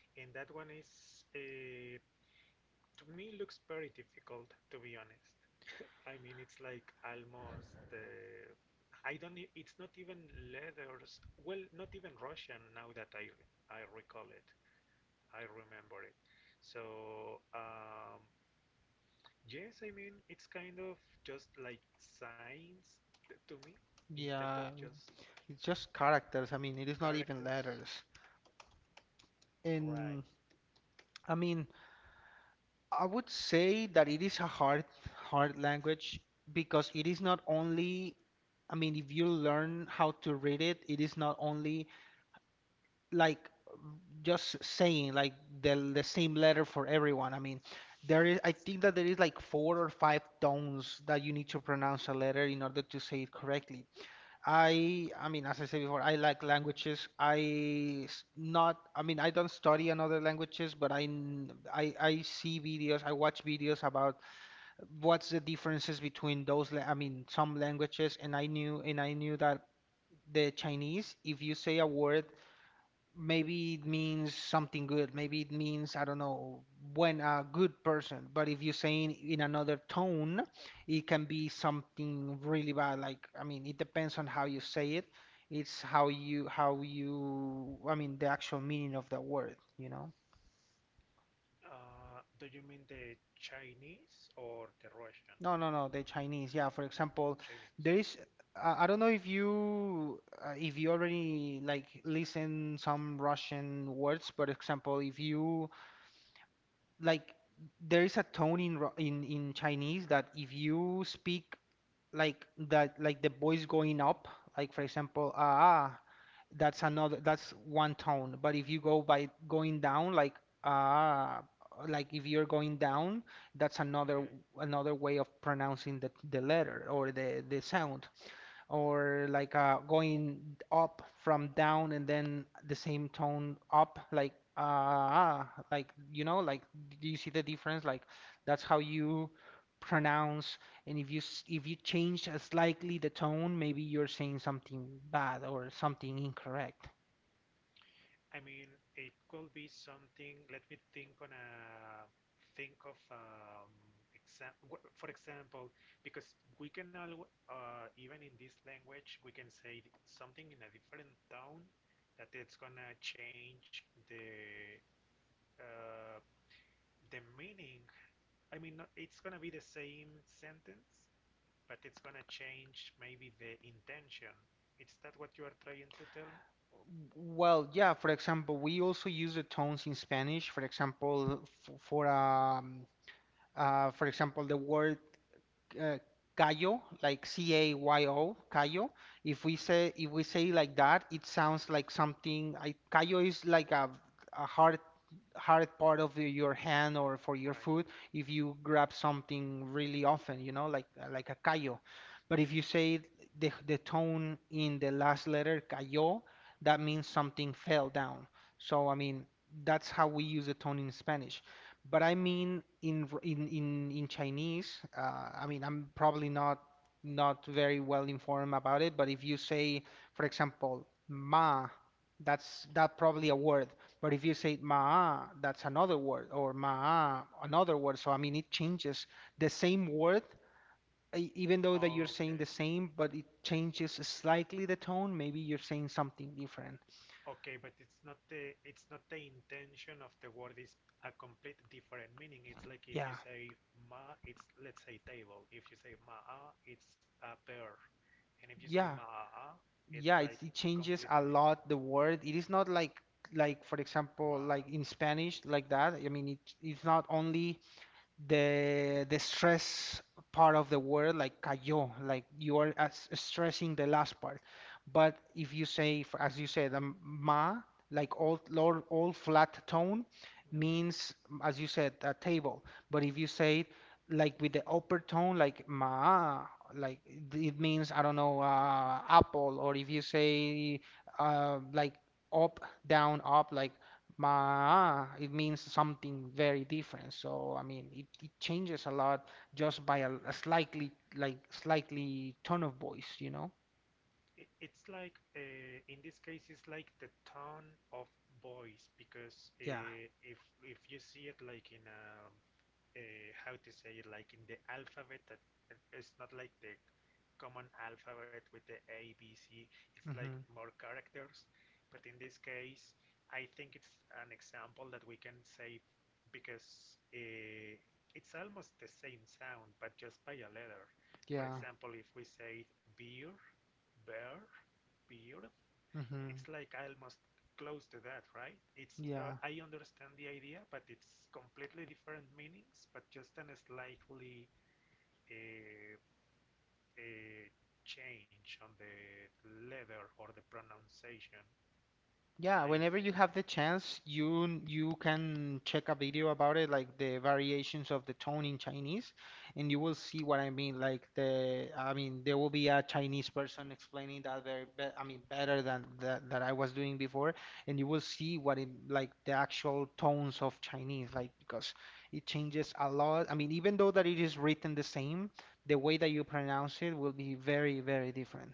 [SPEAKER 2] And that one is uh, to me looks very difficult, to be honest. I mean, it's like almost uh, I don't. e- It's not even leathers. Well, not even Russian now that I I recall it. I remember it. So um, yes, I mean, it's kind of just like signs to me, instead of
[SPEAKER 1] Yeah,
[SPEAKER 2] just
[SPEAKER 1] it's just characters. I mean, it is not even
[SPEAKER 2] characters.
[SPEAKER 1] letters.
[SPEAKER 2] Right.
[SPEAKER 1] And I mean, I would say that it is a hard, hard language, because it is not only, I mean, if you learn how to read it, it is not only like just saying like the the same letter for everyone. I mean, there is, I think that there is like four or five tones that you need to pronounce a letter in order to say it correctly. I I mean, as I said before, I like languages. I s- not I mean, I don't study another languages, but I n- I I see videos, I watch videos about what's the differences between those la- I mean, some languages, and I knew and I knew that the Chinese, if you say a word, maybe it means something good. Maybe it means, I don't know, when a good person. But if you're saying in another tone, it can be something really bad. Like, I mean, it depends on how you say it. It's how you, how you, I mean, the actual meaning of the word, you know?
[SPEAKER 2] Uh, do you mean the Chinese or the Russian?
[SPEAKER 1] No, no, no, the Chinese. Yeah, for example,
[SPEAKER 2] Chinese.
[SPEAKER 1] there is, I I don't know if you, uh, if you already like listen some Russian words, but example, if you like there is a tone in Ru- in in Chinese that if you speak like that like the voice going up like for example ah ah," that's another that's one tone, but if you go by going down like ah ah," like if you're going down, that's
[SPEAKER 2] Okay.
[SPEAKER 1] another another way of pronouncing the the letter or the the sound, or like uh, going up from down and then the same tone up like uh ah, like you know like do you see the difference, like that's how you pronounce. And if you s- if you change uh, slightly the tone, maybe you're saying something bad or something incorrect.
[SPEAKER 2] I mean, it could be something. Let me think on a, think of um, example. For example, because we can al uh, even in this language we can say th- something in a different tone that it's gonna change the uh, the meaning. I mean, not- it's gonna be the same sentence, but it's gonna change maybe the intention. Is that what you are trying to tell me?
[SPEAKER 1] Well, yeah, for example, we also use the tones in Spanish. For example, f- for um, uh, for example, the word uh, Cayo, like C A Y O, Cayo. If we say if we say like that, it sounds like something. I, Cayo is like a, a hard hard part of the- your hand or for your
[SPEAKER 2] Right.
[SPEAKER 1] food if you grab something really often, you know, like like a cayo. But if you say the the tone in the last letter cayó, that means something fell down. So I mean, that's how we use the tone in Spanish. But I mean in r- in in, in Chinese, uh, I mean I'm probably not not very well informed about it, but if you say, for example, ma, that's that probably a word. But if you say ma, that's another word, or ma, another word. So I mean, it changes the same word, e- even though that you're
[SPEAKER 2] Okay.
[SPEAKER 1] saying the same, but it changes slightly the tone. Maybe you're saying something different.
[SPEAKER 2] Okay, but it's not the, it's not the intention of the word, is a complete different meaning. It's like if you
[SPEAKER 1] Yeah,
[SPEAKER 2] say ma, it's, let's say, table. If you say ma'a, it's a pear, and if you say
[SPEAKER 1] yeah,
[SPEAKER 2] ma'a, it's
[SPEAKER 1] yeah.
[SPEAKER 2] like
[SPEAKER 1] It, it changes
[SPEAKER 2] completely
[SPEAKER 1] a
[SPEAKER 2] different.
[SPEAKER 1] lot the word. It is not like like for
[SPEAKER 2] Wow.
[SPEAKER 1] example, like in Spanish, like that. I mean, it, it's not only the the stress part of the word like cayó, like you are as stressing the last part, but if you say for, as you said um, ma, like all low, all flat tone
[SPEAKER 2] Mhm.
[SPEAKER 1] means, as you said, a table. But if you say it, like with the upper tone like ma, like it it means I don't know, uh, apple. Or if you say uh, like up down up like Ma, it means something very different. So, I mean, it, it changes a lot just by a, a slightly, like, slightly tone of voice, you know?
[SPEAKER 2] It, it's like uh, in this case, it's like the tone of voice because
[SPEAKER 1] Yeah.
[SPEAKER 2] uh, if if you see it like in a uh, how to say it, like in the alphabet that it's not like the common alphabet with the A B C. It's like
[SPEAKER 1] Hmm.
[SPEAKER 2] more characters. But in this case, I think it's an example that we can say, because uh, it's almost the same sound, but just by a letter. For
[SPEAKER 1] Yeah.
[SPEAKER 2] example, if we say beer, bear, beer, it's
[SPEAKER 1] Hmm.
[SPEAKER 2] like I almost close to that, right? It's uh,
[SPEAKER 1] Yeah.
[SPEAKER 2] I understand the idea, but it's completely different meanings, but just an slightly uh, uh, change on the letter or the pronunciation.
[SPEAKER 1] Yeah,
[SPEAKER 2] I think
[SPEAKER 1] whenever you have the chance, you n- you can check a video about it, like the variations of the tone in Chinese, and you will see what I mean. Like the, I mean, there will be a Chinese person explaining that very, be, I mean, better than that that I was doing before, and you will see what it like the actual tones of Chinese, like because it changes a lot. I mean, even though that it is written the same, the way that you pronounce it will be very, very different.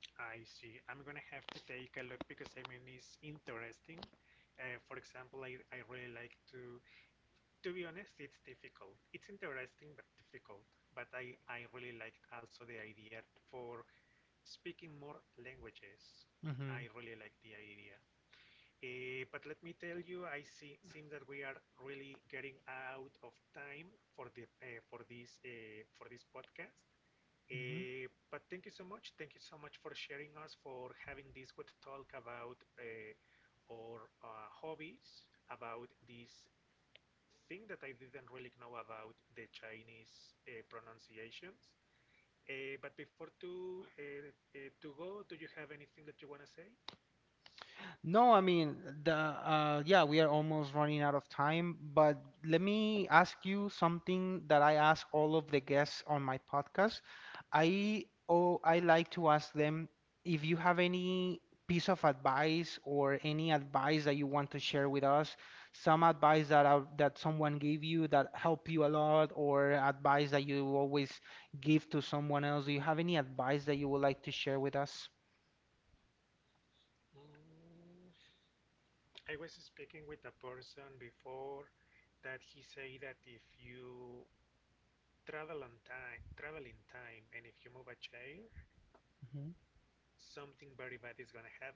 [SPEAKER 2] I see. I'm gonna have to take a look because I mean it's interesting. Uh, for example, I, I really like to. To be honest, it's difficult. It's interesting but difficult. But I I really liked also the idea for speaking more languages. I
[SPEAKER 1] Hmm.
[SPEAKER 2] really like the idea. Uh, but let me tell you, I see, seems that we are really getting out of time for the uh, for this uh, for this podcast.
[SPEAKER 1] Hmm.
[SPEAKER 2] Uh, but thank you so much. Thank you so much for sharing us, for having this good talk about uh, our uh, hobbies, about this thing that I didn't really know about the Chinese uh, pronunciations. Uh, but before to uh, uh, to go, do you have anything that you wanna say?
[SPEAKER 1] No, I mean the uh, yeah, we are almost running out of time, but let me ask you something that I ask all of the guests on my podcast. I oh, I like to ask them if you have any piece of advice or any advice that you want to share with us, some advice that uh, that someone gave you that helped you a lot, or advice that you always give to someone else. Do you have any advice that you would like to share with us?
[SPEAKER 2] Mm, I was speaking with a person before that he said that if you travel on time, travel in time, and if you move a chair, something very bad is gonna happen.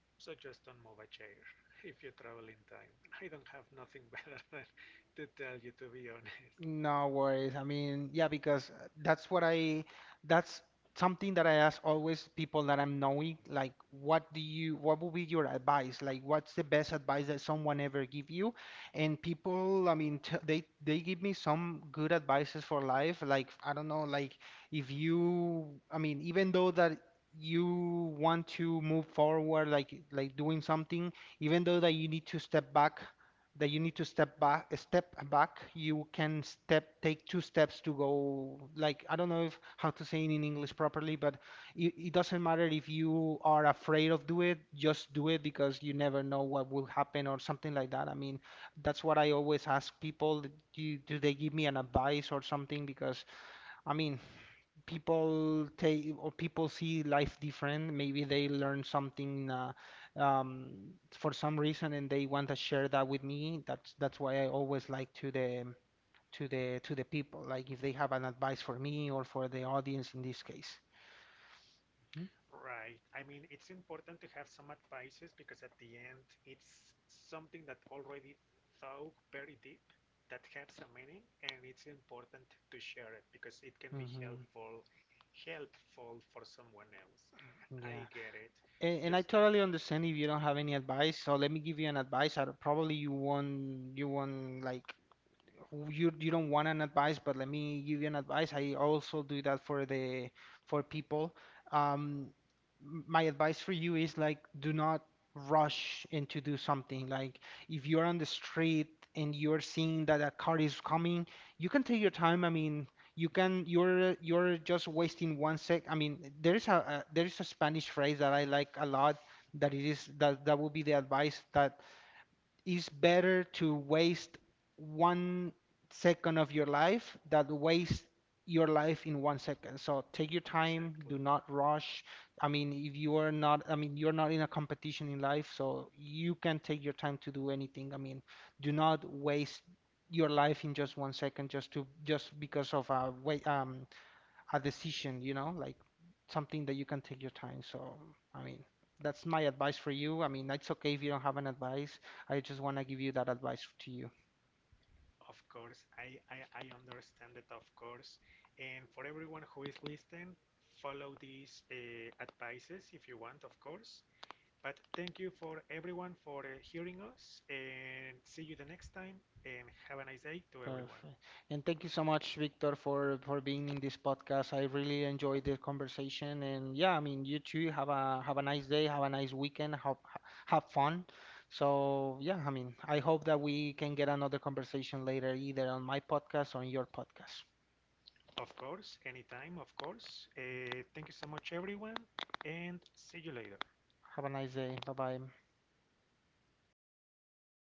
[SPEAKER 2] So just don't move a chair if you travel in time. I don't have nothing better than to tell you, to be honest.
[SPEAKER 1] No worries. I mean, yeah, because uh, that's what I, that's something that I ask always people that I'm knowing, like, what do you, what would be your advice? Like, what's the best advice that someone ever give you? And people, I mean, t they they give me some good advices for life. Like, I don't know, like if you, I mean, even though that you want to move forward, like like doing something, even though that you need to step back that you need to step back step back you can step take two steps to go. Like I don't know if how to say it in English properly, but it, it doesn't matter if you are afraid of do it, just do it, because you never know what will happen or something like that. I mean, that's what I always ask people, do, do they give me an advice or something, because I mean people take or people see life different. Maybe they learn something uh, um, for some reason and they want to share that with me. That's that's why I always like to the to the to the people. Like if they have an advice for me or for the audience in this case.
[SPEAKER 2] Right. I mean, it's important to have some advices, because at the end, it's something that already thought very deep, that has a meaning, and it's important to share it because it can be
[SPEAKER 1] Mm-hmm.
[SPEAKER 2] helpful, helpful for someone else. I
[SPEAKER 1] Yeah.
[SPEAKER 2] get it.
[SPEAKER 1] And,
[SPEAKER 2] Just
[SPEAKER 1] and I totally understand if you don't have any advice. So let me give you an advice. I, don't- probably you won't you won't like you you don't want an advice, but let me give you an advice. I also do that for the for people. Um, m- my advice for you is like do not rush into do something. Like if you're on the street and you're seeing that a car is coming, you can take your time. I mean, you can you're you're just wasting one sec. I mean, there is a, a there is a Spanish phrase that I like a lot. That it is that that would be the advice that it's better to waste one second of your life than waste your life in one second. So take your
[SPEAKER 2] exactly.
[SPEAKER 1] time, do not rush. I mean, if you are not, I mean, you're not in a competition in life, so you can take your time to do anything. I mean, do not waste your life in just one second, just to just because of a wait um a decision, you know, like something that you can take your time. So, I mean, that's my advice for you. I mean, it's okay if you don't have an advice. I just want to give you that advice to you.
[SPEAKER 2] Of course, I, I, I understand it, of course. And for everyone who is listening, follow these uh, advices if you want, of course. But thank you for everyone for uh, hearing us, and see you the next time, and have a nice day to everyone.
[SPEAKER 1] Perfect. And thank you so much, Victor, for for being in this podcast. I really enjoyed the conversation. And yeah, I mean, you too. Have a have a nice day. Have a nice weekend. Have have fun. So yeah, I mean, I hope that we can get another conversation later, either on my podcast or on your podcast.
[SPEAKER 2] Of course, anytime, of course. Uh, thank you so much everyone, and see you later.
[SPEAKER 1] Have a nice day. Bye bye.